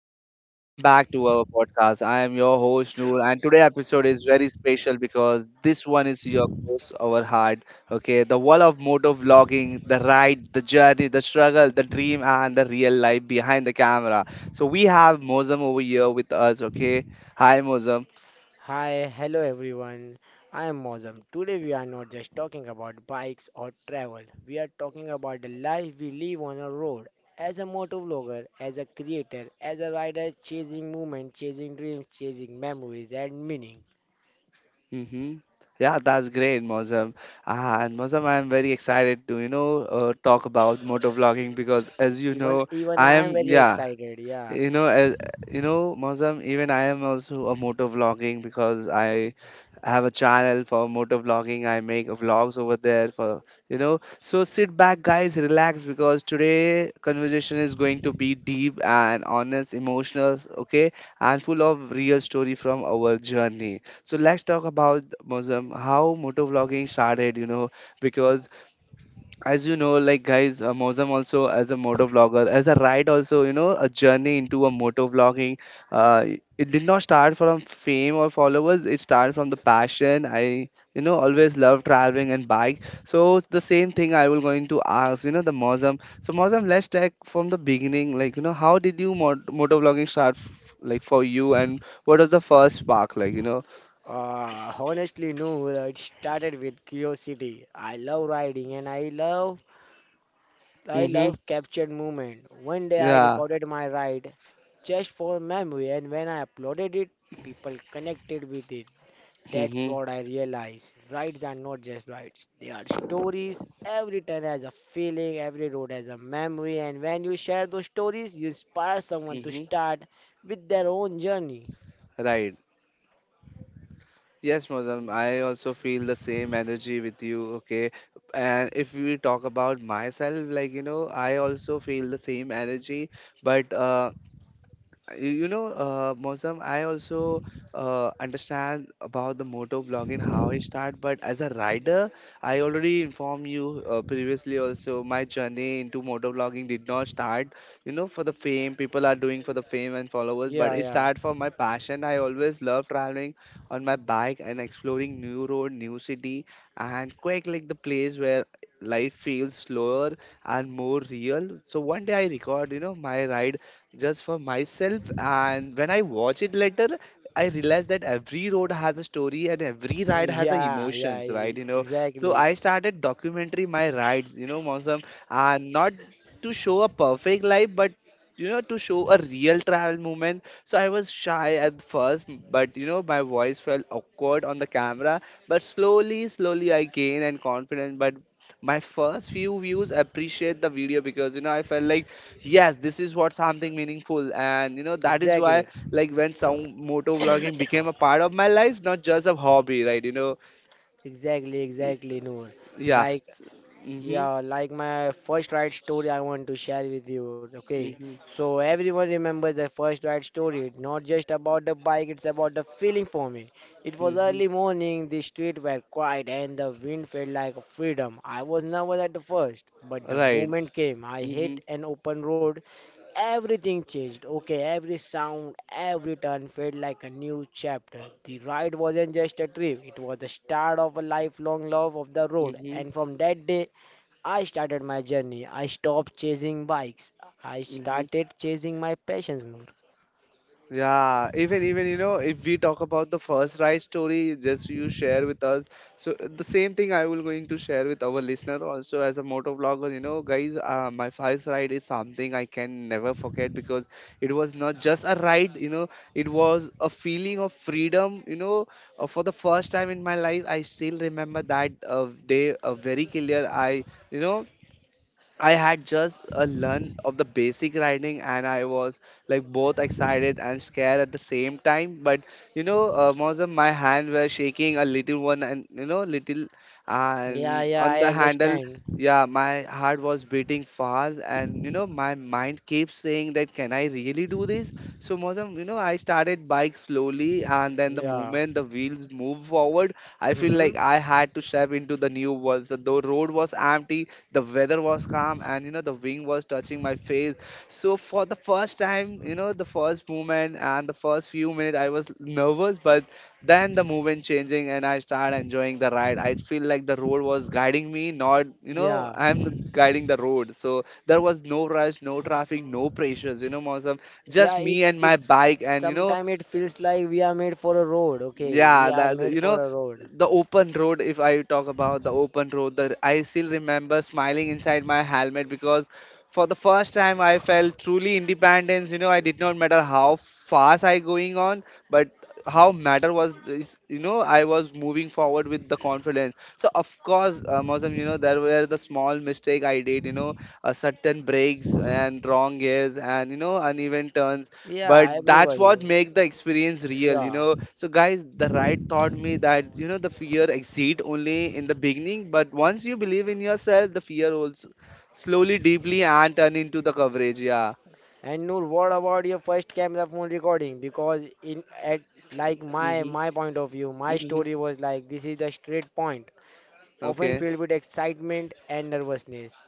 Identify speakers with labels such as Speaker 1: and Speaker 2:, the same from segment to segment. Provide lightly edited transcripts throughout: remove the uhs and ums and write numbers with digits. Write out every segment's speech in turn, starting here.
Speaker 1: everyone, welcome back to our podcast. I am your host Noor and today episode is very special because this one is your close our heart. Okay, the world of motor vlogging, the ride, the journey, the struggle, the dream and the real life behind the camera. So we have Mozam over here with us, okay? Hi Mozam.
Speaker 2: Hi, hello everyone. I am Mozam. Today we are not just talking about bikes or travel. We are talking about the life we live on a road. As a motor vlogger, as a creator, as a rider chasing movement, chasing dreams, chasing memories and meaning.
Speaker 1: Mm-hmm. Yeah, that's great, Mozam. And Mozam, I'm very excited to, you know, talk about motor vlogging because as you
Speaker 2: Even
Speaker 1: know,
Speaker 2: even I
Speaker 1: I
Speaker 2: am
Speaker 1: am,
Speaker 2: very
Speaker 1: yeah.
Speaker 2: excited, yeah.
Speaker 1: you know uh, you know Mozam, even I am also a motor vlogging because I have a channel for motor vlogging. I make vlogs over there for, you know, so sit back guys, relax, because today conversation is going to be deep and honest, emotional, okay, and full of real story from our journey. So let's talk about Mozam, how motor vlogging started, you know, because as you know, like guys, Mozam also as a motor vlogger, as a ride also, you know, a journey into a motor vlogging, uh, it did not start from fame or followers. It started from the passion. I, you know, always love traveling and bike. So it's the same thing I will going to ask, you know, the Mozam. So Mozam, let's take from the beginning, like, you know, how did you motor vlogging start like for you, and what was the first spark, like, you know.
Speaker 2: Honestly, no, it started with curiosity. I love riding and I love I
Speaker 1: Mm-hmm.
Speaker 2: love captured movement. One day I
Speaker 1: Yeah.
Speaker 2: recorded my ride just for memory, and when I uploaded it, people connected with it. That's
Speaker 1: Mm-hmm.
Speaker 2: what I realized. Rides are not just rides, they are stories. Every turn has a feeling, every road has a memory, and when you share those stories, you inspire someone to
Speaker 1: Mm-hmm.
Speaker 2: start with their own journey.
Speaker 1: Right. Yes, Mozam, I also feel the same energy with you. Okay. And if we talk about myself, like, you know, I also feel the same energy, but you know, Mosam, I also understand about the moto vlogging, how it started, but as a rider, I already informed you previously also, my journey into moto vlogging did not start, you know, for the fame. People are doing for the fame and followers, but
Speaker 2: Yeah,
Speaker 1: it
Speaker 2: yeah,
Speaker 1: started for my passion. I always love traveling on my bike and exploring new road, new city, and quite like the place where life feels slower and more real. So one day I record, you know, my ride just for myself. And when I watch it later, I realize that every road has a story and every ride has a
Speaker 2: yeah, yeah,
Speaker 1: emotions, right? You know, so
Speaker 2: exactly,
Speaker 1: I started documentary my rides, you know, Mausam, and not to show a perfect life, but you know, to show a real travel moment. So I was shy at first, but you know, my voice felt awkward on the camera, but slowly I gained and confidence. But my first few views appreciate the video, because you know, I felt like, yes, this is what something meaningful, and you know, that is why,
Speaker 2: exactly,
Speaker 1: like, when some moto vlogging became a part of my life, not just a hobby, right? You know,
Speaker 2: exactly,
Speaker 1: Y-
Speaker 2: exactly, Noor.
Speaker 1: yeah.
Speaker 2: Like,
Speaker 1: Mhm.
Speaker 2: yeah, like my first ride story I want to share with you. Okay.
Speaker 1: Mhm.
Speaker 2: So everyone remembers the first ride story. It's not just about the bike, it's about the feeling for me. It was
Speaker 1: Mhm.
Speaker 2: early morning, the streets were quiet and the wind felt like freedom. I was nervous at the first, but the
Speaker 1: Right.
Speaker 2: moment came. I
Speaker 1: Mhm.
Speaker 2: hit an open road. Everything changed. Okay, every sound, every turn felt like a new chapter. The ride wasn't just a trip, it was the start of a lifelong love of the road.
Speaker 1: Mhm.
Speaker 2: And from that day, I started my journey. I stopped chasing bikes. I
Speaker 1: Mhm.
Speaker 2: started chasing my passions more.
Speaker 1: Yeah, even you know, if we talk about the first ride story, just you share with us. So the same thing I will going to share with our listener also as a motor vlogger. You know, guys, my first ride is something I can never forget because it was not just a ride. You know, it was a feeling of freedom. You know, for the first time in my life, I still remember that day very clear. I, you know, I had just a learn of the basic riding and I was like both excited and scared at the same time. But you know, most of my hand were shaking a little one, and you know, little
Speaker 2: Yeah,
Speaker 1: and
Speaker 2: yeah,
Speaker 1: on
Speaker 2: I
Speaker 1: the handle,
Speaker 2: understand.
Speaker 1: yeah, my heart was beating fast and you know, my mind keeps saying that can I really do this? So most of, you know, I started bike slowly and then the
Speaker 2: Yeah.
Speaker 1: moment the wheels move forward, I feel
Speaker 2: Mm-hmm.
Speaker 1: like I had to step into the new world. So the road was empty, the weather was calm, and you know, the wind was touching my face. So for the first time, you know, the first movement and the first few minutes I was nervous, but then the movement changing and I started enjoying the ride. I feel like the road was guiding me, not, you know,
Speaker 2: Yeah.
Speaker 1: guiding the road. So there was no rush, no traffic, no pressures, you know, Mausam,
Speaker 2: Yeah,
Speaker 1: just me
Speaker 2: it's
Speaker 1: and my
Speaker 2: it's
Speaker 1: bike, and you know,
Speaker 2: sometimes it feels like we are made for a road, okay?
Speaker 1: yeah,
Speaker 2: We are
Speaker 1: that,
Speaker 2: made
Speaker 1: you know,
Speaker 2: for a road.
Speaker 1: the open road. If I talk about the open road, the I still remember smiling inside my helmet because for the first time I felt truly independence. You know, I did not matter how fast I going on, but how matter was this, you know, I was moving forward with the confidence. So of course, Mosam, you know, there were the small mistake I did. You know, a certain breaks and wrong gears and you know, uneven turns,
Speaker 2: Yeah,
Speaker 1: but that's
Speaker 2: everybody.
Speaker 1: what make the experience real. You
Speaker 2: Yeah.
Speaker 1: know, so guys, the ride taught me that, you know, the fear exceed only in the beginning, but once you believe in yourself, the fear also slowly deeply and turn into the coverage, yeah.
Speaker 2: And Noor, what about your first camera phone recording? Because in at like my
Speaker 1: Mm-hmm.
Speaker 2: my point of view, my
Speaker 1: Mm-hmm.
Speaker 2: story was like this is the straight point. Often
Speaker 1: Okay.
Speaker 2: filled with excitement and nervousness.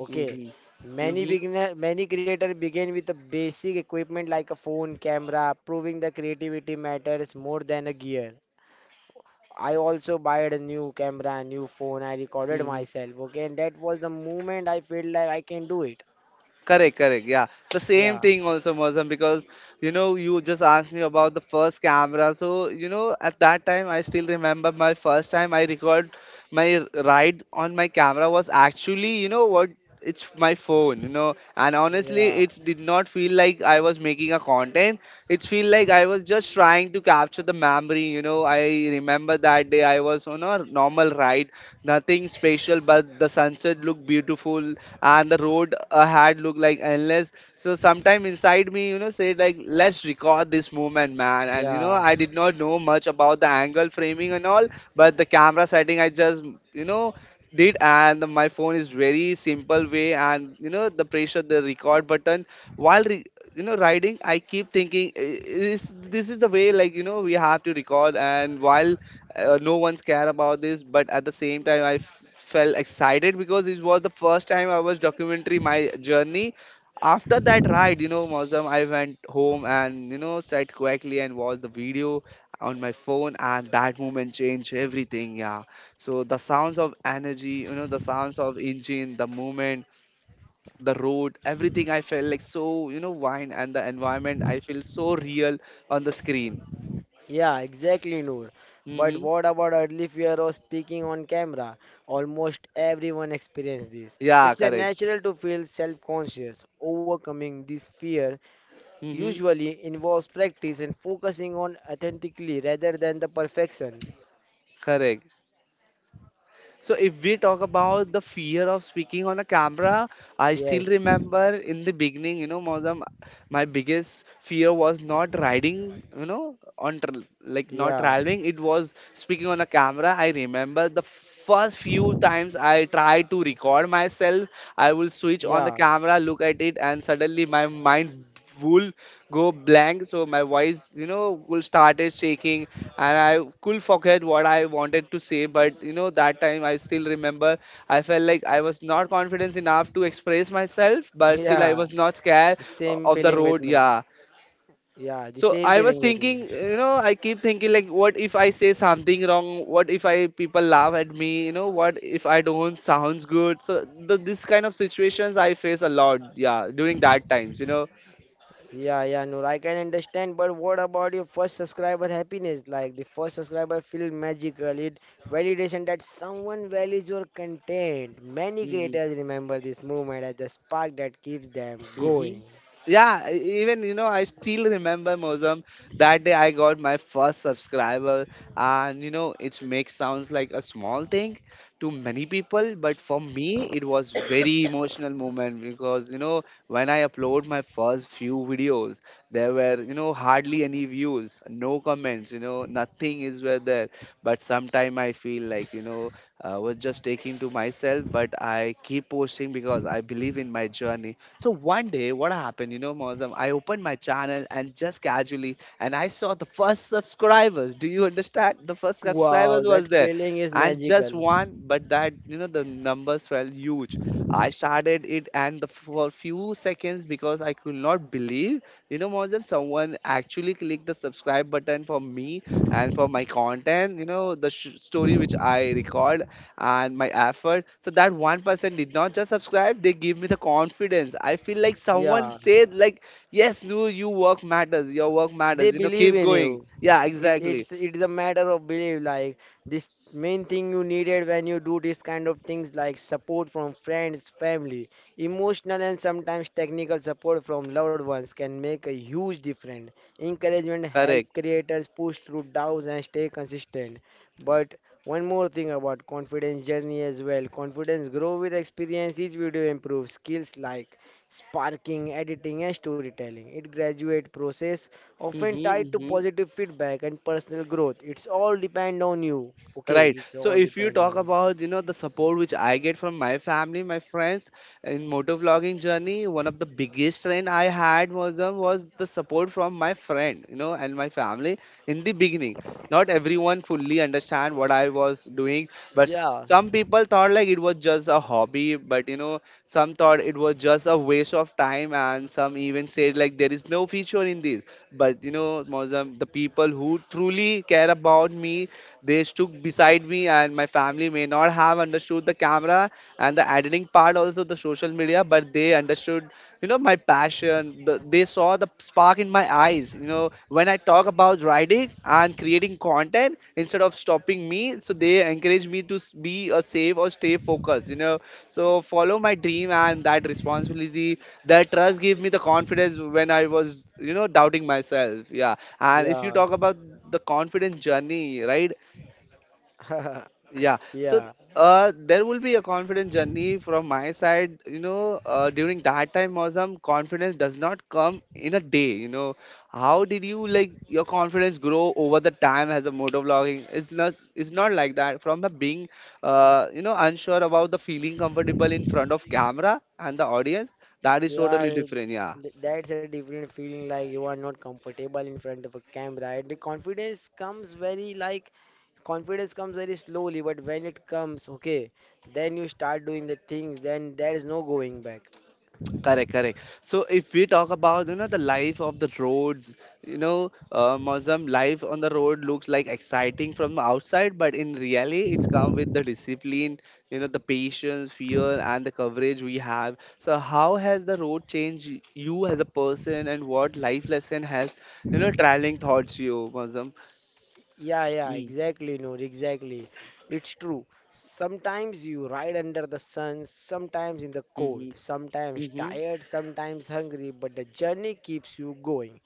Speaker 2: Okay,
Speaker 1: Mm-hmm.
Speaker 2: many
Speaker 1: Mm-hmm.
Speaker 2: beginner, many creators begin with the basic equipment like a phone, camera, proving the creativity matters more than a gear. I also bought a new camera, new phone. I recorded
Speaker 1: Mm-hmm.
Speaker 2: myself. Okay, and that was the moment I felt like I can do it.
Speaker 1: Correct, correct. Yeah. The
Speaker 2: Yeah,
Speaker 1: same thing also, Mozam, because you know, you just asked me about the first camera. So, you know, at that time, I still remember my first time I record my ride on my camera was actually, you know, what, it's my phone, you know. And honestly,
Speaker 2: yeah,
Speaker 1: it did not feel like I was making a content. It feel like I was just trying to capture the memory, you know. I remember that day I was on a normal ride, nothing special, but the sunset looked beautiful and the road ahead looked like endless. So sometime inside me, you know, said like, let's record this moment, man. And you know,
Speaker 2: yeah.
Speaker 1: I did not know much about the angle, framing and all, but the camera setting I just, you know, did and my phone is very simple way. And you know, the pressure the record button while you know, riding, I keep thinking, Is this is the way, like, you know, we have to record?" And while no one's care about this, but at the same time I felt excited because it was the first time I was documentary my journey. After that ride, you know, Mausam, I went home and you know, sat quietly and watched the video on my phone, and that moment changed everything. Yeah. So the sounds of energy, you know, the sounds of engine, the movement, the road, everything. I felt like so, you know, wine and the environment. I feel so real on the screen.
Speaker 2: Yeah, exactly, Noor. But
Speaker 1: Hmm.
Speaker 2: what about early fear of speaking on camera? Almost everyone experiences this.
Speaker 1: Yeah,
Speaker 2: It's a
Speaker 1: correct.
Speaker 2: natural to feel self-conscious. Overcoming this fear
Speaker 1: Hmm.
Speaker 2: usually involves practice and focusing on authentically rather than the perfection.
Speaker 1: Correct. So if we talk about the fear of speaking on a camera, I still
Speaker 2: Yes.
Speaker 1: remember in the beginning, you know, Mozam, my biggest fear was not riding, you know, on tr like not
Speaker 2: Yeah.
Speaker 1: traveling. It was speaking on a camera. I remember the first few times I tried to record myself, I will switch on the
Speaker 2: Yeah.
Speaker 1: camera, look at it, and suddenly my mind will go blank. So my voice, you know, will started shaking, and I could forget what I wanted to say, but you know, that time I still remember. I felt like I was not confident enough to express myself, but still I
Speaker 2: Yeah.
Speaker 1: was not scared
Speaker 2: Same
Speaker 1: of the
Speaker 2: feeling with
Speaker 1: road.
Speaker 2: me.
Speaker 1: Yeah.
Speaker 2: Yeah, the
Speaker 1: So
Speaker 2: same
Speaker 1: I was
Speaker 2: feeling with me.
Speaker 1: thinking, you know, I keep thinking like, what if I say something wrong? What if I people laugh at me? You know, what if I don't sounds good? So the, this kind of situations I face a lot. Yeah, during that times, you know.
Speaker 2: Yeah, yeah, Noor, I can understand, but what about your first subscriber happiness? Like the first subscriber feel magical. It validation that someone values your content. Many
Speaker 1: Mm-hmm.
Speaker 2: creators remember this moment as the spark that keeps them
Speaker 1: Hmm.
Speaker 2: going.
Speaker 1: Yeah, even you know, I still remember Mozam. That day I got my first subscriber, and you know, it makes sounds like a small thing to many people, but for me, it was very emotional moment, because you know, when I upload my first few videos, there were, you know, hardly any views, no comments, you know, nothing is were there. But sometime I feel like, you know, I was just taking to myself, but I keep posting because I believe in my journey. So one day, what happened, you know, Mozam, I opened my channel and just casually, and I saw the first subscribers. Do you understand? The first
Speaker 2: Wow,
Speaker 1: subscribers was
Speaker 2: that
Speaker 1: there,
Speaker 2: feeling is
Speaker 1: and just
Speaker 2: magical.
Speaker 1: one, but that, you know, the numbers felt huge. I started it, and the, for few seconds because I could not believe, you know, Mozam, someone actually clicked the subscribe button for me and for my content. You know, the story which I record and my effort. So that one person did not just subscribe, they give me the confidence. I feel like someone
Speaker 2: Yeah.
Speaker 1: said like, yes, no, you work matters, your work
Speaker 2: They
Speaker 1: matters, you know,
Speaker 2: believe
Speaker 1: keep
Speaker 2: in
Speaker 1: going.
Speaker 2: you.
Speaker 1: Yeah,
Speaker 2: it, it's
Speaker 1: exactly.
Speaker 2: it's a matter of belief. Like, this main thing you needed when you do this kind of things, like support from friends, family. Emotional and sometimes technical support from loved ones can make a huge difference. Encouragement help
Speaker 1: Correct.
Speaker 2: creators push through doubts and stay consistent. But one more thing about confidence journey as well, confidence grow with experience. Each video improves skills like sparking, editing, and storytelling. It graduate process often tied to
Speaker 1: Hmm.
Speaker 2: positive feedback and personal growth. It's all depend on you. Okay,
Speaker 1: Right.
Speaker 2: it's
Speaker 1: So
Speaker 2: all
Speaker 1: if you
Speaker 2: depend
Speaker 1: talk
Speaker 2: on you.
Speaker 1: about, you know, the support which I get from my family, my friends in motor vlogging journey, one of the biggest trend I had was was the support from my friend, you know, and my family in the beginning. Not everyone fully understand what I was doing, but
Speaker 2: Yeah,
Speaker 1: some people thought like it was just a hobby, but you know, some thought it was just a waste of time, and some even said like there is no future in this. But you know, Mozam, the people who truly care about me they stood beside me, and my family may not have understood the camera and the editing part, also the social media, but they understood, you know, my passion. They saw the spark in my eyes. You know, when I talk about writing and creating content instead of stopping me, so they encourage me to be a safe or stay focused. You know, so follow my dream and that responsibility that trust gave me the confidence when I was, you know, doubting myself. Yeah. And if you
Speaker 2: yeah,
Speaker 1: talk about the confidence journey, right? Yeah. So
Speaker 2: yeah,
Speaker 1: there will be a confidence journey from my side. You know, during that time, Mozam, confidence does not come in a day. You know, how did you like your confidence grow over the time as a motovlogging? It's not. It's not like that. From the being, you know, unsure about the feeling comfortable in front of camera and the audience, that is
Speaker 2: yeah.
Speaker 1: totally different. Yeah.
Speaker 2: That's a different feeling. Like you are not comfortable in front of a camera. And the confidence comes very, like, confidence comes very slowly. But when it comes, okay, then you start doing the things. Then there is no going back.
Speaker 1: Correct, correct. So if we talk about, you know, the life of the roads, you know, Muslim life on the road looks like exciting from the outside, but in reality, it's come with the discipline, you know, the patience, fear, and the coverage we have. So how has the road changed you as a person, and what life lesson has, you know, traveling taught you, Muslim?
Speaker 2: Yeah, yeah,
Speaker 1: Mm-hmm.
Speaker 2: exactly, Noor, exactly. It's true. Sometimes you ride under the sun, sometimes in the cold, sometimes
Speaker 1: Mm-hmm.
Speaker 2: tired, sometimes hungry, but the journey keeps you going.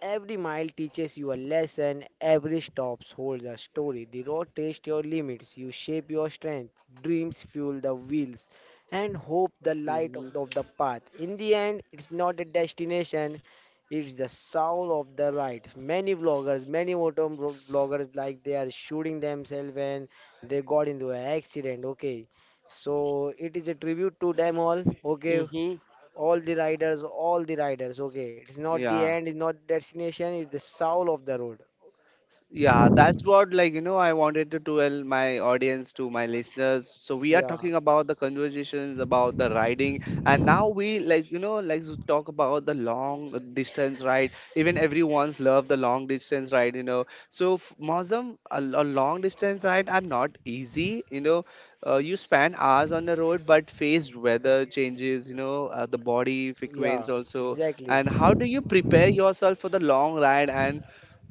Speaker 2: Every mile teaches you a lesson, every stop holds a story. The road tests your limits, you shape your strength, dreams fuel the wheels, and hope the light of
Speaker 1: Mm-hmm.
Speaker 2: the path. In the end, it's not a destination, it's the soul of the ride. Many vloggers, many motor vloggers, like they are shooting themselves when they got into an accident, okay? So it is a tribute to them all, okay?
Speaker 1: Mm-hmm.
Speaker 2: All the riders, all the riders. Okay, it's not the
Speaker 1: Yeah.
Speaker 2: end, it's not destination, it's the soul of the road.
Speaker 1: Yeah, that's what like, you know, I wanted to tell my audience to my listeners. So we are
Speaker 2: Yeah,
Speaker 1: talking about the conversations about the riding, and now we like, you know, like to talk about the long distance ride. Even everyone's love the long distance ride, you know. So Mosam, a long distance ride are not easy, you know. You spend hours on the road, but faced weather changes, you know, the body
Speaker 2: yeah,
Speaker 1: frequency also.
Speaker 2: exactly.
Speaker 1: And how do you prepare yourself for the long ride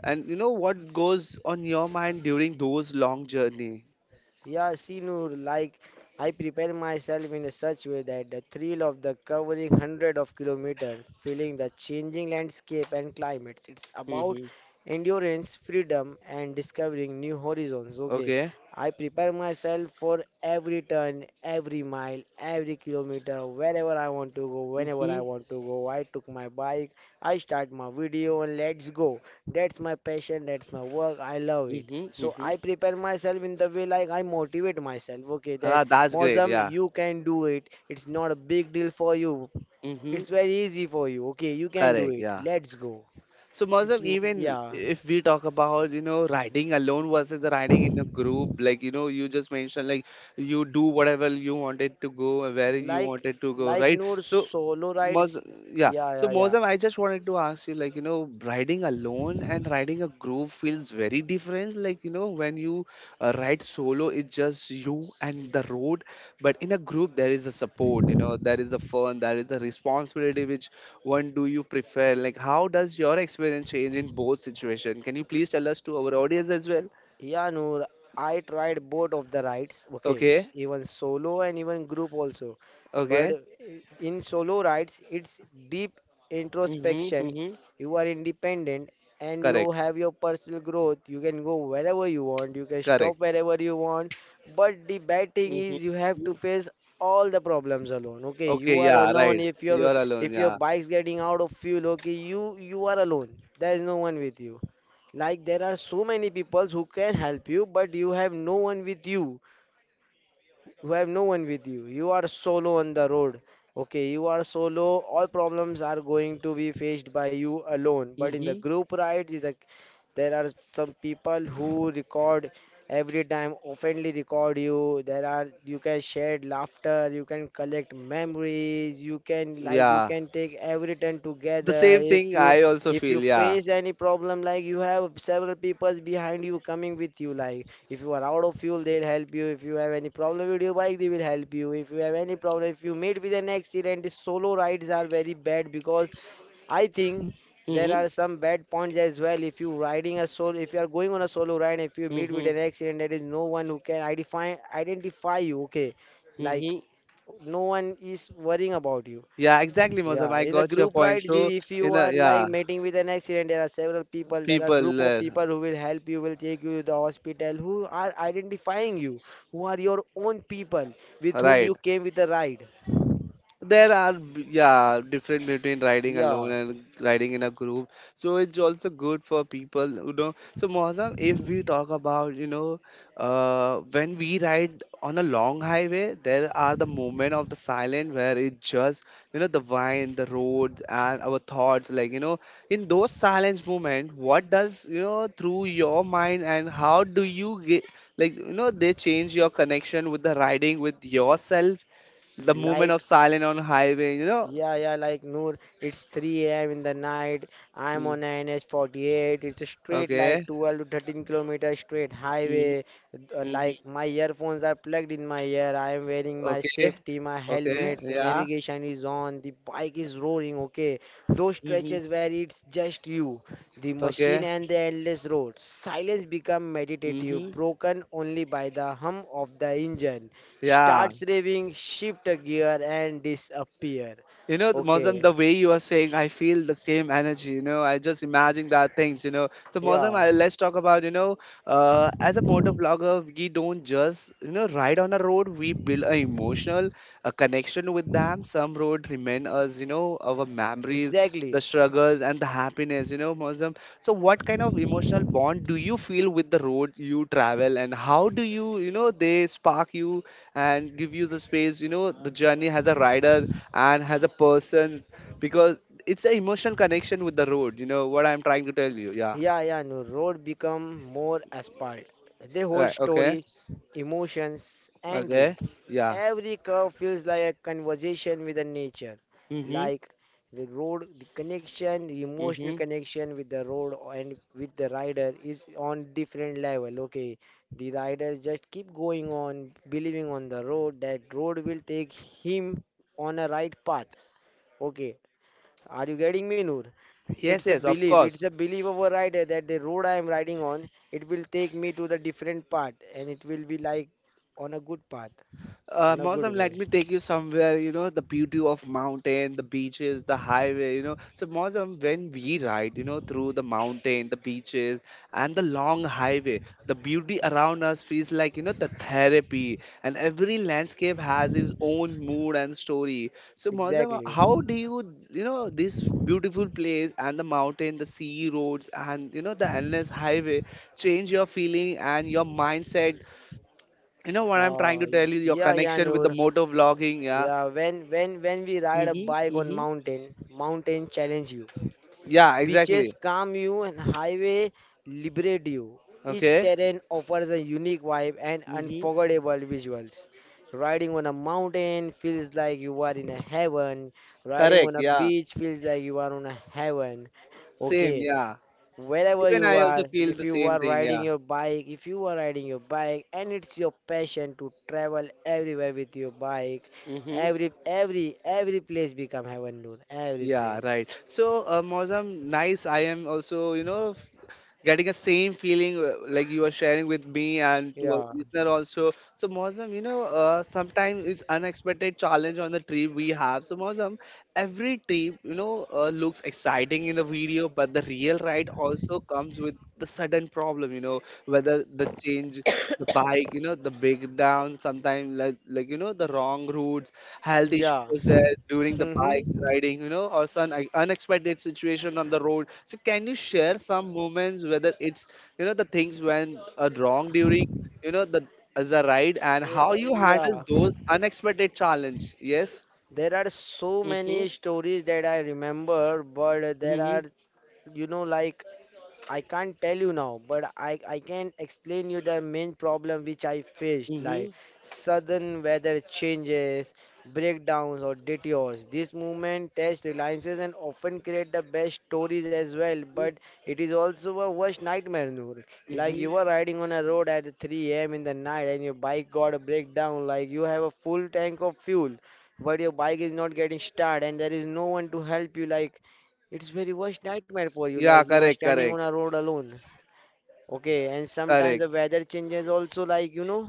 Speaker 1: and you know what goes on your mind during those long journey?
Speaker 2: Yeah, Sinur, like I prepare myself in a such way that the thrill of the covering hundred of kilometers, feeling the changing landscape and climates. It's about
Speaker 1: Mm-hmm.
Speaker 2: endurance, freedom, and discovering new horizons. Okay,
Speaker 1: Okay.
Speaker 2: I prepare myself for every turn, every mile, every kilometer, wherever I want to go, whenever I
Speaker 1: Mm-hmm.
Speaker 2: want to go. I took my bike, I start my video, and let's go. That's my passion. That's my work. I love it.
Speaker 1: Mm-hmm.
Speaker 2: So
Speaker 1: Mm-hmm.
Speaker 2: I prepare myself in the way, like, I motivate myself. Okay, that
Speaker 1: Ah, that's great.
Speaker 2: Mozam,
Speaker 1: Yeah.
Speaker 2: you can do it. It's not a big deal for you.
Speaker 1: Mm-hmm.
Speaker 2: It's very easy for you. Okay, you can do
Speaker 1: Correct.
Speaker 2: it.
Speaker 1: Yeah.
Speaker 2: Let's go.
Speaker 1: So Mausam, even
Speaker 2: Yeah,
Speaker 1: if we talk about, you know, riding alone versus the riding in a group, like, you know, you just mentioned like you do whatever you wanted to go, where you
Speaker 2: like
Speaker 1: wanted to go,
Speaker 2: like
Speaker 1: right?
Speaker 2: Noor,
Speaker 1: So
Speaker 2: solo rides.
Speaker 1: Mausam, yeah.
Speaker 2: Yeah,
Speaker 1: So
Speaker 2: yeah, yeah.
Speaker 1: Mausam, I just wanted to ask you, like, you know, riding alone and riding a group feels very different. Like, you know, when you ride solo, it's just you and the road. But in a group, there is a support, you know, there is the fun, there is the responsibility which one do you prefer? Like, how does your experience change in both situation? Can you please tell us to our audience as well?
Speaker 2: Yeah, Noor, I tried both of the rides, okay,
Speaker 1: Okay,
Speaker 2: even solo and even group also. But
Speaker 1: okay.
Speaker 2: i- in solo rides, it's deep
Speaker 1: Mm-hmm,
Speaker 2: introspection.
Speaker 1: mm-hmm.
Speaker 2: You are independent and you
Speaker 1: Correct,
Speaker 2: have your personal growth. You can go wherever you want, you can stop
Speaker 1: correct.
Speaker 2: wherever you want. But the bad thing is you have to
Speaker 1: Mm-hmm.
Speaker 2: face all the problems alone. Okay,
Speaker 1: Okay,
Speaker 2: you are
Speaker 1: yeah, right.
Speaker 2: alone
Speaker 1: You are alone,
Speaker 2: if your
Speaker 1: yeah.
Speaker 2: bike's getting out of fuel, okay, you are alone. There is no one with you. Like there are so many people who can help you, but you have no one with you. You have no one with you. You are solo on the road. Okay, you are solo. All problems are going to be faced by you alone. But in the
Speaker 1: Mm-hmm.
Speaker 2: group rides, is like there are some people who record every time, openly record you. There are you can share laughter, you can collect memories, you can, like, you
Speaker 1: Yeah.
Speaker 2: can take every turn
Speaker 1: The
Speaker 2: together.
Speaker 1: same thing I also
Speaker 2: If you
Speaker 1: feel, yeah.
Speaker 2: face any problem, like you have several people behind you coming with you. Like if you are out of fuel, they'll help you. If you have any problem with your bike, they will help you. If you have any problem, if you meet with an accident, the solo rides are very bad because I think there
Speaker 1: Mm-hmm.
Speaker 2: are some bad points as well. If you riding a solo, if you are going on a solo ride, if you meet with
Speaker 1: Mm-hmm.
Speaker 2: an accident, there is no one who can identify you. Okay, like
Speaker 1: Mm-hmm.
Speaker 2: no one is worrying about you.
Speaker 1: Yeah, exactly, Mozam.
Speaker 2: Yeah,
Speaker 1: I
Speaker 2: in the
Speaker 1: got your
Speaker 2: group
Speaker 1: point.
Speaker 2: rides,
Speaker 1: So,
Speaker 2: if you
Speaker 1: in a,
Speaker 2: are, like,
Speaker 1: yeah,
Speaker 2: meeting with an accident, there are several people, there are
Speaker 1: people,
Speaker 2: group of people who will help you, will take you to the hospital, who are identifying you, who are your own people with whom
Speaker 1: right.
Speaker 2: you came with the ride.
Speaker 1: There are yeah different between riding alone
Speaker 2: Yeah,
Speaker 1: and riding in a group, so it's also good for people you know. So Mohsen, if we talk about, you know, when we ride on a long highway, there are the moment of the silence where it's just, you know, the wine, the road, and our thoughts. Like, you know, in those silence moment, what does you know through your mind and how do you get like, you know, they change your connection with the riding with yourself the moment of
Speaker 2: like
Speaker 1: silence on highway, you know?
Speaker 2: Yeah, yeah, like Noor, it's 3 a.m. in the night. I'm
Speaker 1: Mm,
Speaker 2: on NH48. It's a straight like
Speaker 1: okay,
Speaker 2: 12 to 13 kilometer straight
Speaker 1: mhm,
Speaker 2: highway.
Speaker 1: mhm,
Speaker 2: Like my earphones are plugged in my ear. I am wearing my
Speaker 1: okay,
Speaker 2: safety, my
Speaker 1: okay,
Speaker 2: helmets, the
Speaker 1: yeah,
Speaker 2: navigation is on, the bike is roaring, okay. Those
Speaker 1: mhm,
Speaker 2: stretches where it's just you, the machine
Speaker 1: okay,
Speaker 2: and the endless road. Silence become meditative,
Speaker 1: mhm.
Speaker 2: broken only by the hum of the engine.
Speaker 1: Yeah.
Speaker 2: Starts raving, shift a gear and disappear.
Speaker 1: You know, Mozam,
Speaker 2: Okay,
Speaker 1: the way you are saying, I feel the same energy. You know, I just imagine that things. You know, so Mozam,
Speaker 2: yeah,
Speaker 1: I, let's talk about. You know, as a motor vlogger, we don't just, you know, ride on a road. We build an emotional a connection with them. Some road remain us. You know, our memories, the
Speaker 2: exactly.
Speaker 1: struggles, and the happiness. You know, Mozam. So, what kind of emotional bond do you feel with the road you travel, and how do you, you know, they spark you and give you the space? You know, the journey as a rider and has a person's because it's an emotional connection with the road. You know what I'm trying to tell you? Yeah.
Speaker 2: Yeah, yeah, no, road become more asphalt. They hold
Speaker 1: Right. Okay.
Speaker 2: stories, emotions, and
Speaker 1: Okay.
Speaker 2: dream.
Speaker 1: Yeah.
Speaker 2: Every curve feels like a conversation with the nature,
Speaker 1: Mhm.
Speaker 2: like the road, the connection, the emotional
Speaker 1: Mhm.
Speaker 2: connection with the road and with the rider is on different level. Okay, the rider just keep going on, believing on the road that road will take him on a right path. Okay, are you getting me, Noor? It's
Speaker 1: Yes.
Speaker 2: a
Speaker 1: Yes. Of
Speaker 2: belief. It's
Speaker 1: course.
Speaker 2: a belief of a rider that the road I am riding on, it will take me to the different path, and it will be like on a good path, on a good
Speaker 1: Mausam, let
Speaker 2: way.
Speaker 1: me take you somewhere, you know, the beauty of mountain, the beaches, the highway, you know. So, Mausam, when we ride, you know, through the mountain, the beaches, and the long highway, the beauty around us feels like, you know, the therapy, and every landscape has its own mood and story. So, Mausam,
Speaker 2: Exactly.
Speaker 1: how do you, you know, this beautiful place and the mountain, the sea roads, and, you know, the endless highway change your feeling and your mindset, you know what I'm trying to tell you? Your
Speaker 2: Yeah, yeah,
Speaker 1: connection with the
Speaker 2: Noor.
Speaker 1: motor vlogging, yeah.
Speaker 2: Yeah, when when we ride a
Speaker 1: Mm-hmm.
Speaker 2: bike on
Speaker 1: Mm-hmm.
Speaker 2: mountain, mountain challenge you.
Speaker 1: Yeah,
Speaker 2: Beaches
Speaker 1: exactly.
Speaker 2: calm you and highway liberate you. Each
Speaker 1: Okay.
Speaker 2: terrain offers a unique vibe and
Speaker 1: Mm-hmm.
Speaker 2: unforgettable visuals. Riding on a mountain feels like you are in a heaven. Riding
Speaker 1: Correct.
Speaker 2: on a
Speaker 1: Yeah.
Speaker 2: beach feels like you are on a heaven. Okay,
Speaker 1: Same. Yeah.
Speaker 2: wherever
Speaker 1: Even
Speaker 2: you
Speaker 1: I also
Speaker 2: are,
Speaker 1: feel
Speaker 2: if
Speaker 1: the
Speaker 2: you
Speaker 1: same
Speaker 2: are
Speaker 1: thing. Yeah.
Speaker 2: riding your bike, if you are riding your bike and it's your passion to travel everywhere with your bike,
Speaker 1: Mm-hmm.
Speaker 2: every place become heaven, dude. Every
Speaker 1: Yeah,
Speaker 2: place.
Speaker 1: right. So, Mozam, nice. I am also, you know, getting a same feeling like you are sharing with me and to our
Speaker 2: Yeah.
Speaker 1: listener also. So, Mozam, you know, sometimes it's unexpected challenge on the trip we have. So, Mozam, every trip, you know, looks exciting in the video, but the real ride also comes with the sudden problem, you know, whether the change, the bike, you know, the breakdown, sometimes like you know, the wrong routes health issue
Speaker 2: Yeah.
Speaker 1: was there during the
Speaker 2: Mm-hmm.
Speaker 1: bike riding, you know, or some unexpected situation on the road. So can you share some moments whether it's, you know, the things went wrong during, you know, the as a ride and how you handle
Speaker 2: Yeah.
Speaker 1: those unexpected challenge? Yes.
Speaker 2: There are so many
Speaker 1: Mm-hmm.
Speaker 2: stories that I remember, but there
Speaker 1: Mm-hmm.
Speaker 2: are, like I can't tell you now, but I can explain you the main problem which I faced,
Speaker 1: Mm-hmm.
Speaker 2: like sudden weather changes, breakdowns or detours. This movement test reliances and often create the best stories as well, but it is also a worst nightmare, Noor. Like you
Speaker 1: Mm-hmm.
Speaker 2: were riding on a road at 3 a.m. in the night and your bike got a breakdown, like you have a full tank of fuel but your bike is not getting started and there is no one to help you, like it's very worst nightmare for you. Like
Speaker 1: Yeah,
Speaker 2: you are
Speaker 1: correct,
Speaker 2: standing on a
Speaker 1: correct,
Speaker 2: road alone. Okay, and sometimes
Speaker 1: correct.
Speaker 2: the weather changes also. Like, you know,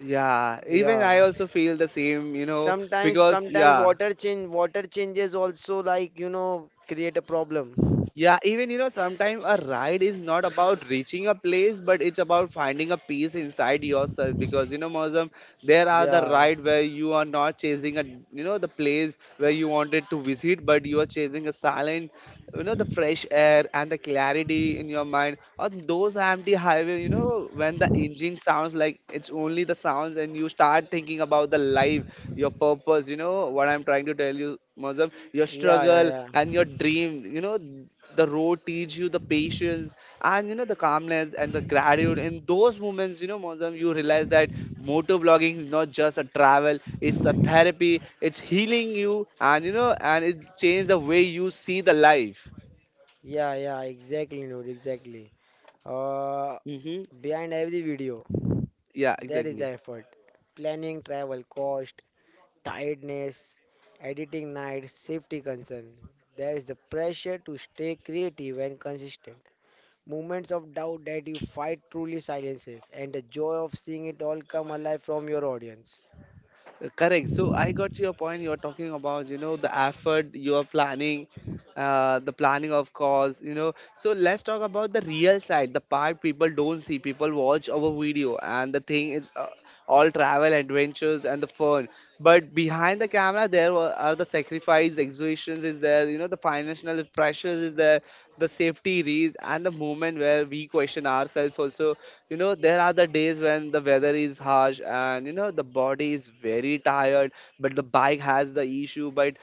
Speaker 1: Yeah, even
Speaker 2: yeah.
Speaker 1: I also feel the same, you know,
Speaker 2: Sometimes,
Speaker 1: because
Speaker 2: sometimes
Speaker 1: yeah.
Speaker 2: water changes also. Like, you know, create a problem.
Speaker 1: Yeah, even you know, sometimes a ride is not about reaching a place, but it's about finding a peace inside yourself. Because you know, Mozam, there are the
Speaker 2: Yeah,
Speaker 1: ride where you are not chasing a, you know, the place where you wanted to visit, but you are chasing a silent, you know, the fresh air and the clarity in your mind. Or those empty highway, you know, when the engine sounds like it's only the sounds, and you start thinking about the life, your purpose. You know what I'm trying to tell you, Mozam, your
Speaker 2: yeah, yeah,
Speaker 1: struggle
Speaker 2: yeah,
Speaker 1: and your dream. You know the road teach you the patience and you know the calmness and the gratitude in those moments you know Mozam, you realize that motor blogging is not just a travel, it's a therapy, it's healing you, and you know and it's changed the way you see the life.
Speaker 2: yeah, yeah. Exactly, dude. Exactly. Uh,
Speaker 1: Hmm.
Speaker 2: Behind every video,
Speaker 1: Yeah,
Speaker 2: there is
Speaker 1: exactly.
Speaker 2: effort, planning, travel, cost, tiredness, editing nights, safety concern. There is the pressure to stay creative and consistent. Moments of doubt that you fight truly silences, and the joy of seeing it all come alive from your audience.
Speaker 1: Correct. So I got your point. You're talking about, you know, the effort you are planning, the planning of course, you know. So let's talk about the real side, the part people don't see. People watch our video, and the thing is all travel, adventures, and the fun. But behind the camera, there are the sacrifice, exertions is there, the financial pressures is there, the safety risks, and the moment where we question ourselves also. There are the days when the weather is harsh, and the body is very tired, but the bike has the issue, but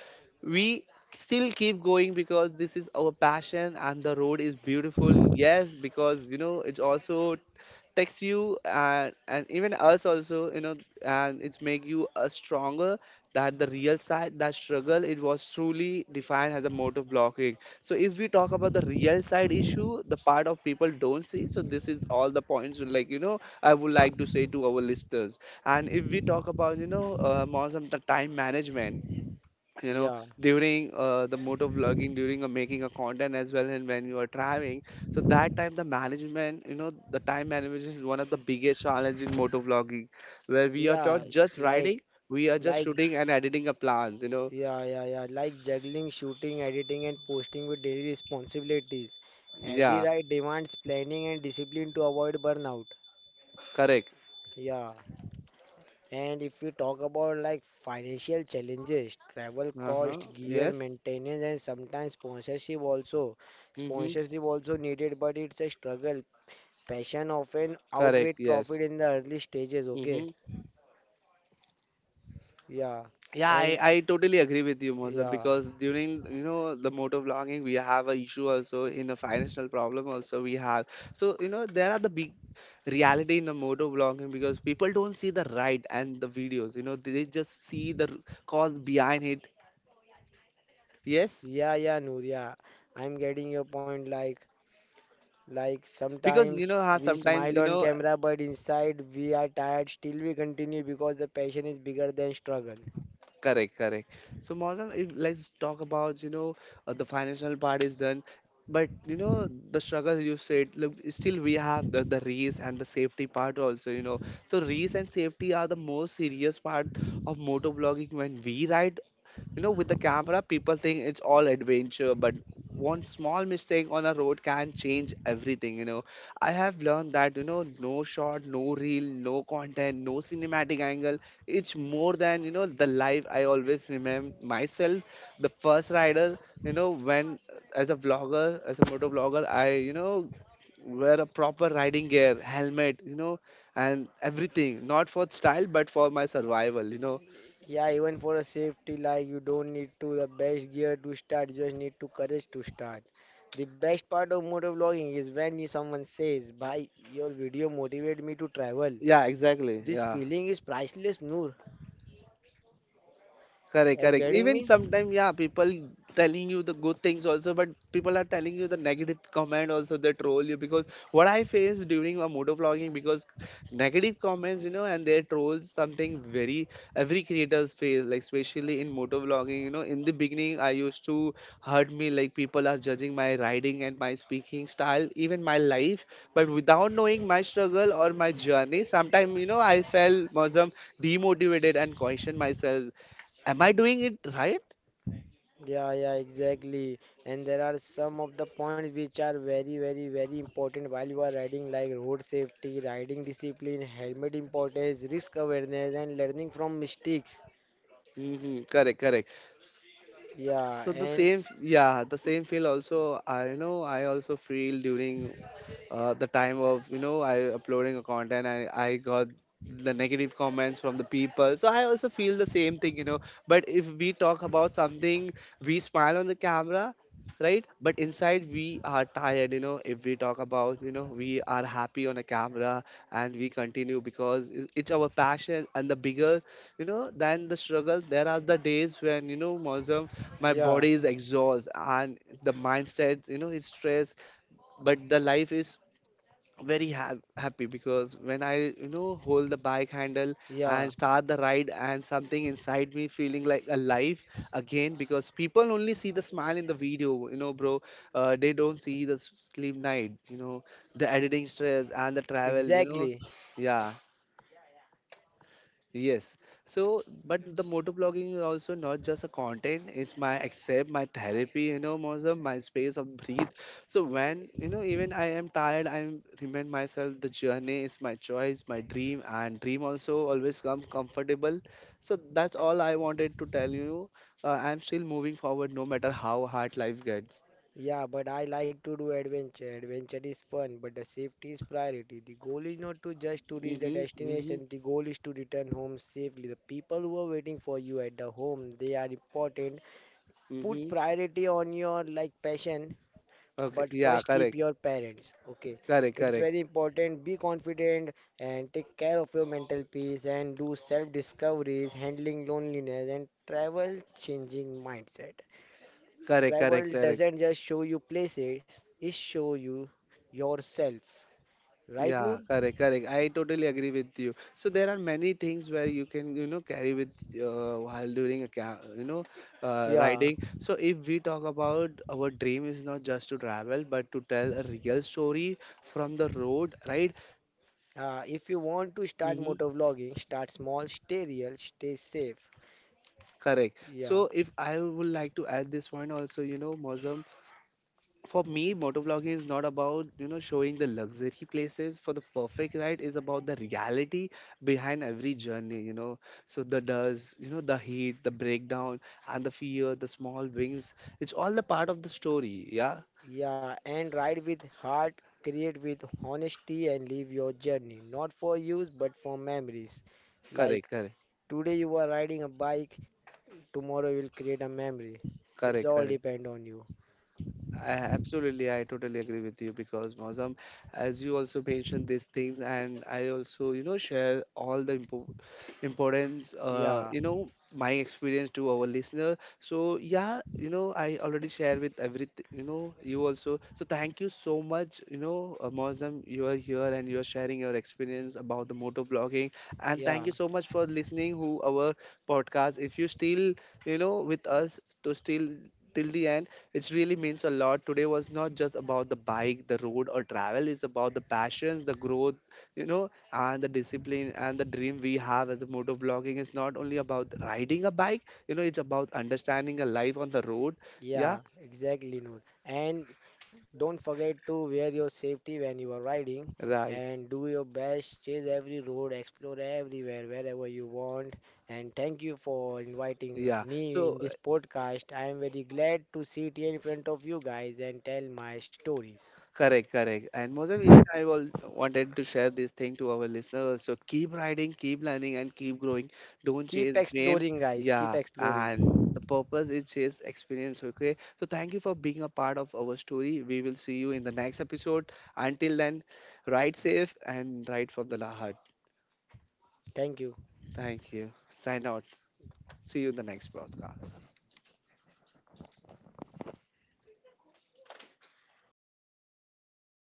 Speaker 1: we still keep going because this is our passion and the road is beautiful. Yes, because it's also text you, and even us also. And it's make you a stronger. That the real side, that struggle, it was truly defined as a mode of blocking. So if we talk about the real side issue, the part of people don't see, so this is all the points, like, I would like to say to our listeners. And if we talk about, more some the time management, you know,
Speaker 2: Yeah,
Speaker 1: during the motor vlogging, during making a content as well, and when you are driving, so that time the management, you know, the time management is one of the biggest challenge in motor vlogging, where we are
Speaker 2: yeah,
Speaker 1: not just
Speaker 2: like,
Speaker 1: riding. We are just
Speaker 2: like,
Speaker 1: shooting and editing a plans.
Speaker 2: yeah, yeah, yeah, like juggling, shooting, editing, and posting with daily responsibilities. Every
Speaker 1: Yeah.
Speaker 2: ride demands planning and discipline to avoid burnout.
Speaker 1: Correct.
Speaker 2: Yeah. And if we talk about like financial challenges, travel
Speaker 1: Uh-huh.
Speaker 2: cost, gear,
Speaker 1: Yes.
Speaker 2: maintenance, and sometimes sponsorship also.
Speaker 1: Mm-hmm.
Speaker 2: Sponsorship also needed, but it's a struggle. Passion often outweighs
Speaker 1: Correct. Yes.
Speaker 2: profit in the early stages,
Speaker 1: Mm-hmm.
Speaker 2: okay? Yeah.
Speaker 1: Yeah,
Speaker 2: And
Speaker 1: I totally agree with you, Mohsen,
Speaker 2: yeah,
Speaker 1: because during the motor vlogging, we have a issue also, in a financial problem also we have. So there are the big reality in the motor vlogging, because people don't see the ride and the videos. They just see the cause behind it. Yes,
Speaker 2: yeah, yeah, Noor, yeah. I'm getting your point. Like
Speaker 1: because
Speaker 2: sometimes
Speaker 1: how
Speaker 2: we
Speaker 1: sometimes
Speaker 2: smile
Speaker 1: you
Speaker 2: on
Speaker 1: know
Speaker 2: camera, but inside we are tired. Still, we continue because the passion is bigger than struggle.
Speaker 1: Correct, correct. So, Mausam, if let's talk about, the financial part is done, but the struggle you said, look, still we have the race and the safety part also, So, race and safety are the most serious part of motor blogging when we ride, with the camera. People think it's all adventure, but one small mistake on a road can change everything. I have learned that, no shot, no reel, no content, no cinematic angle. It's more than, the life. I always remember myself, the first rider, when as a vlogger, as a moto vlogger, I, wear a proper riding gear, helmet, and everything, not for style, but for my survival.
Speaker 2: Yeah, even for a safety, like you don't need to the best gear to start, you just need to courage to start. The best part of motovlogging is when you, someone says, "Bhai, your video motivated me to travel."
Speaker 1: Yeah, exactly.
Speaker 2: This
Speaker 1: Yeah.
Speaker 2: feeling is priceless, Noor.
Speaker 1: Correct,
Speaker 2: Are you
Speaker 1: correct.
Speaker 2: getting
Speaker 1: Even
Speaker 2: me?
Speaker 1: sometimes, yeah, people telling you the good things also, but people are telling you the negative comment also. They troll you, because what I face during my motor vlogging, because negative comments, and they trolls something very, every creators face, like especially in motor vlogging. In the beginning, I used to hurt me, like people are judging my riding and my speaking style, even my life, but without knowing my struggle or my journey. Sometimes, I felt some demotivated and question myself, am I doing it right?
Speaker 2: Yeah, yeah, exactly. And there are some of the points which are very, very, very important while you are riding, like road safety, riding discipline, helmet importance, risk awareness, and learning from mistakes.
Speaker 1: Mm-hmm. Correct, correct.
Speaker 2: Yeah,
Speaker 1: So the
Speaker 2: and
Speaker 1: same, yeah, the same feel also, I know I also feel during the time of, I uploading a content, and I got the negative comments from the people. So I also feel the same thing. But if we talk about something, we smile on the camera, right? But inside we are tired, if we talk about, we are happy on a camera, and we continue because it's our passion, and the bigger, than the struggle. There are the days when, Mozam, my
Speaker 2: yeah.
Speaker 1: body is exhausted, and the mindset, is stressed, but the life is very happy because when I hold the bike handle and
Speaker 2: Yeah,
Speaker 1: start the ride, and something inside me feeling like alive again, because people only see the smile in the video, bro. They don't see the sleep night, the editing stress and the travel,
Speaker 2: exactly.
Speaker 1: yeah. Yes. So, but the motor blogging is also not just a content. It's my accept, my therapy, Mozam, my space of breathe. So when, even I am tired, I remind myself the journey is my choice, my dream, and dream also always come comfortable. So that's all I wanted to tell you. I'm still moving forward no matter how hard life gets.
Speaker 2: Yeah, but I like to do adventure. Adventure is fun, but the safety is priority. The goal is not to just to reach the
Speaker 1: Mm-hmm, mm-hmm,
Speaker 2: destination. The goal is to return home safely. The people who are waiting for you at the home, they are important. Put
Speaker 1: mm-hmm.
Speaker 2: priority on your like passion,
Speaker 1: Okay.
Speaker 2: but first
Speaker 1: Yeah,
Speaker 2: keep
Speaker 1: correct.
Speaker 2: your parents. Okay,
Speaker 1: Correct,
Speaker 2: it's
Speaker 1: correct.
Speaker 2: very important. Be confident and take care of your mental peace and do self discoveries, handling loneliness and travel changing mindset.
Speaker 1: Correct, correct,
Speaker 2: Travel
Speaker 1: correct.
Speaker 2: doesn't just show you places, it show you yourself. Right, Noor?
Speaker 1: Yeah, correct, correct. I totally agree with you. So there are many things where you can, carry with, while during a
Speaker 2: Yeah.
Speaker 1: riding. So if we talk about, our dream is not just to travel, but to tell a real story from the road, right?
Speaker 2: If you want to start
Speaker 1: Mm-hmm.
Speaker 2: motor vlogging, start small, stay real, stay safe.
Speaker 1: Correct.
Speaker 2: Yeah.
Speaker 1: So if I would like to add this one also, Mosam, for me, motovlogging is not about showing the luxury places for the perfect ride. Is about the reality behind every journey. So the dust, the heat, the breakdown, and the fear, the small wings. It's all the part of the story. Yeah,
Speaker 2: Yeah. And ride with heart, create with honesty, and live your journey. Not for use, but for memories.
Speaker 1: correct,
Speaker 2: Like
Speaker 1: correct,
Speaker 2: today you are riding a bike, tomorrow you will create a memory. It's
Speaker 1: correct,
Speaker 2: all
Speaker 1: correct.
Speaker 2: depend on you.
Speaker 1: I, absolutely, I totally agree with you because, Mozam, as you also mentioned these things, and I also, share all the importance,
Speaker 2: Yeah.
Speaker 1: my experience to our listener. So yeah, I already share with everything, you also. So thank you so much, Mozam, you are here and you are sharing your experience about the motor blogging. And thank
Speaker 2: Yeah.
Speaker 1: you so much for listening who our podcast, if you still, with us to still till the end. It really means a lot. Today was not just about the bike, the road, or travel. It's about the passions, the growth, and the discipline, and the dream we have as a motor vlogging is not only about riding a bike, it's about understanding a life on the road. Yeah.
Speaker 2: Yeah, exactly, Noor. And don't forget to wear your safety when you are riding
Speaker 1: Right.
Speaker 2: and do your best. Chase every road, explore everywhere, wherever you want. And thank you for inviting
Speaker 1: Yeah.
Speaker 2: me
Speaker 1: So
Speaker 2: in this podcast. I am very glad to sit here in front of you guys and tell my stories.
Speaker 1: correct, correct. And Mozam, even I will wanted to share this thing to our listeners. So keep riding, keep learning, and keep growing. Don't
Speaker 2: Keep
Speaker 1: chase fame.
Speaker 2: exploring, guys. Keep
Speaker 1: Yeah,
Speaker 2: exploring.
Speaker 1: and the purpose is chase experience. Okay. So thank you for being a part of our story. We will see you in the next episode. Until then, ride safe and ride from the heart.
Speaker 2: Thank you.
Speaker 1: Thank you. Sign out. See you in the next podcast.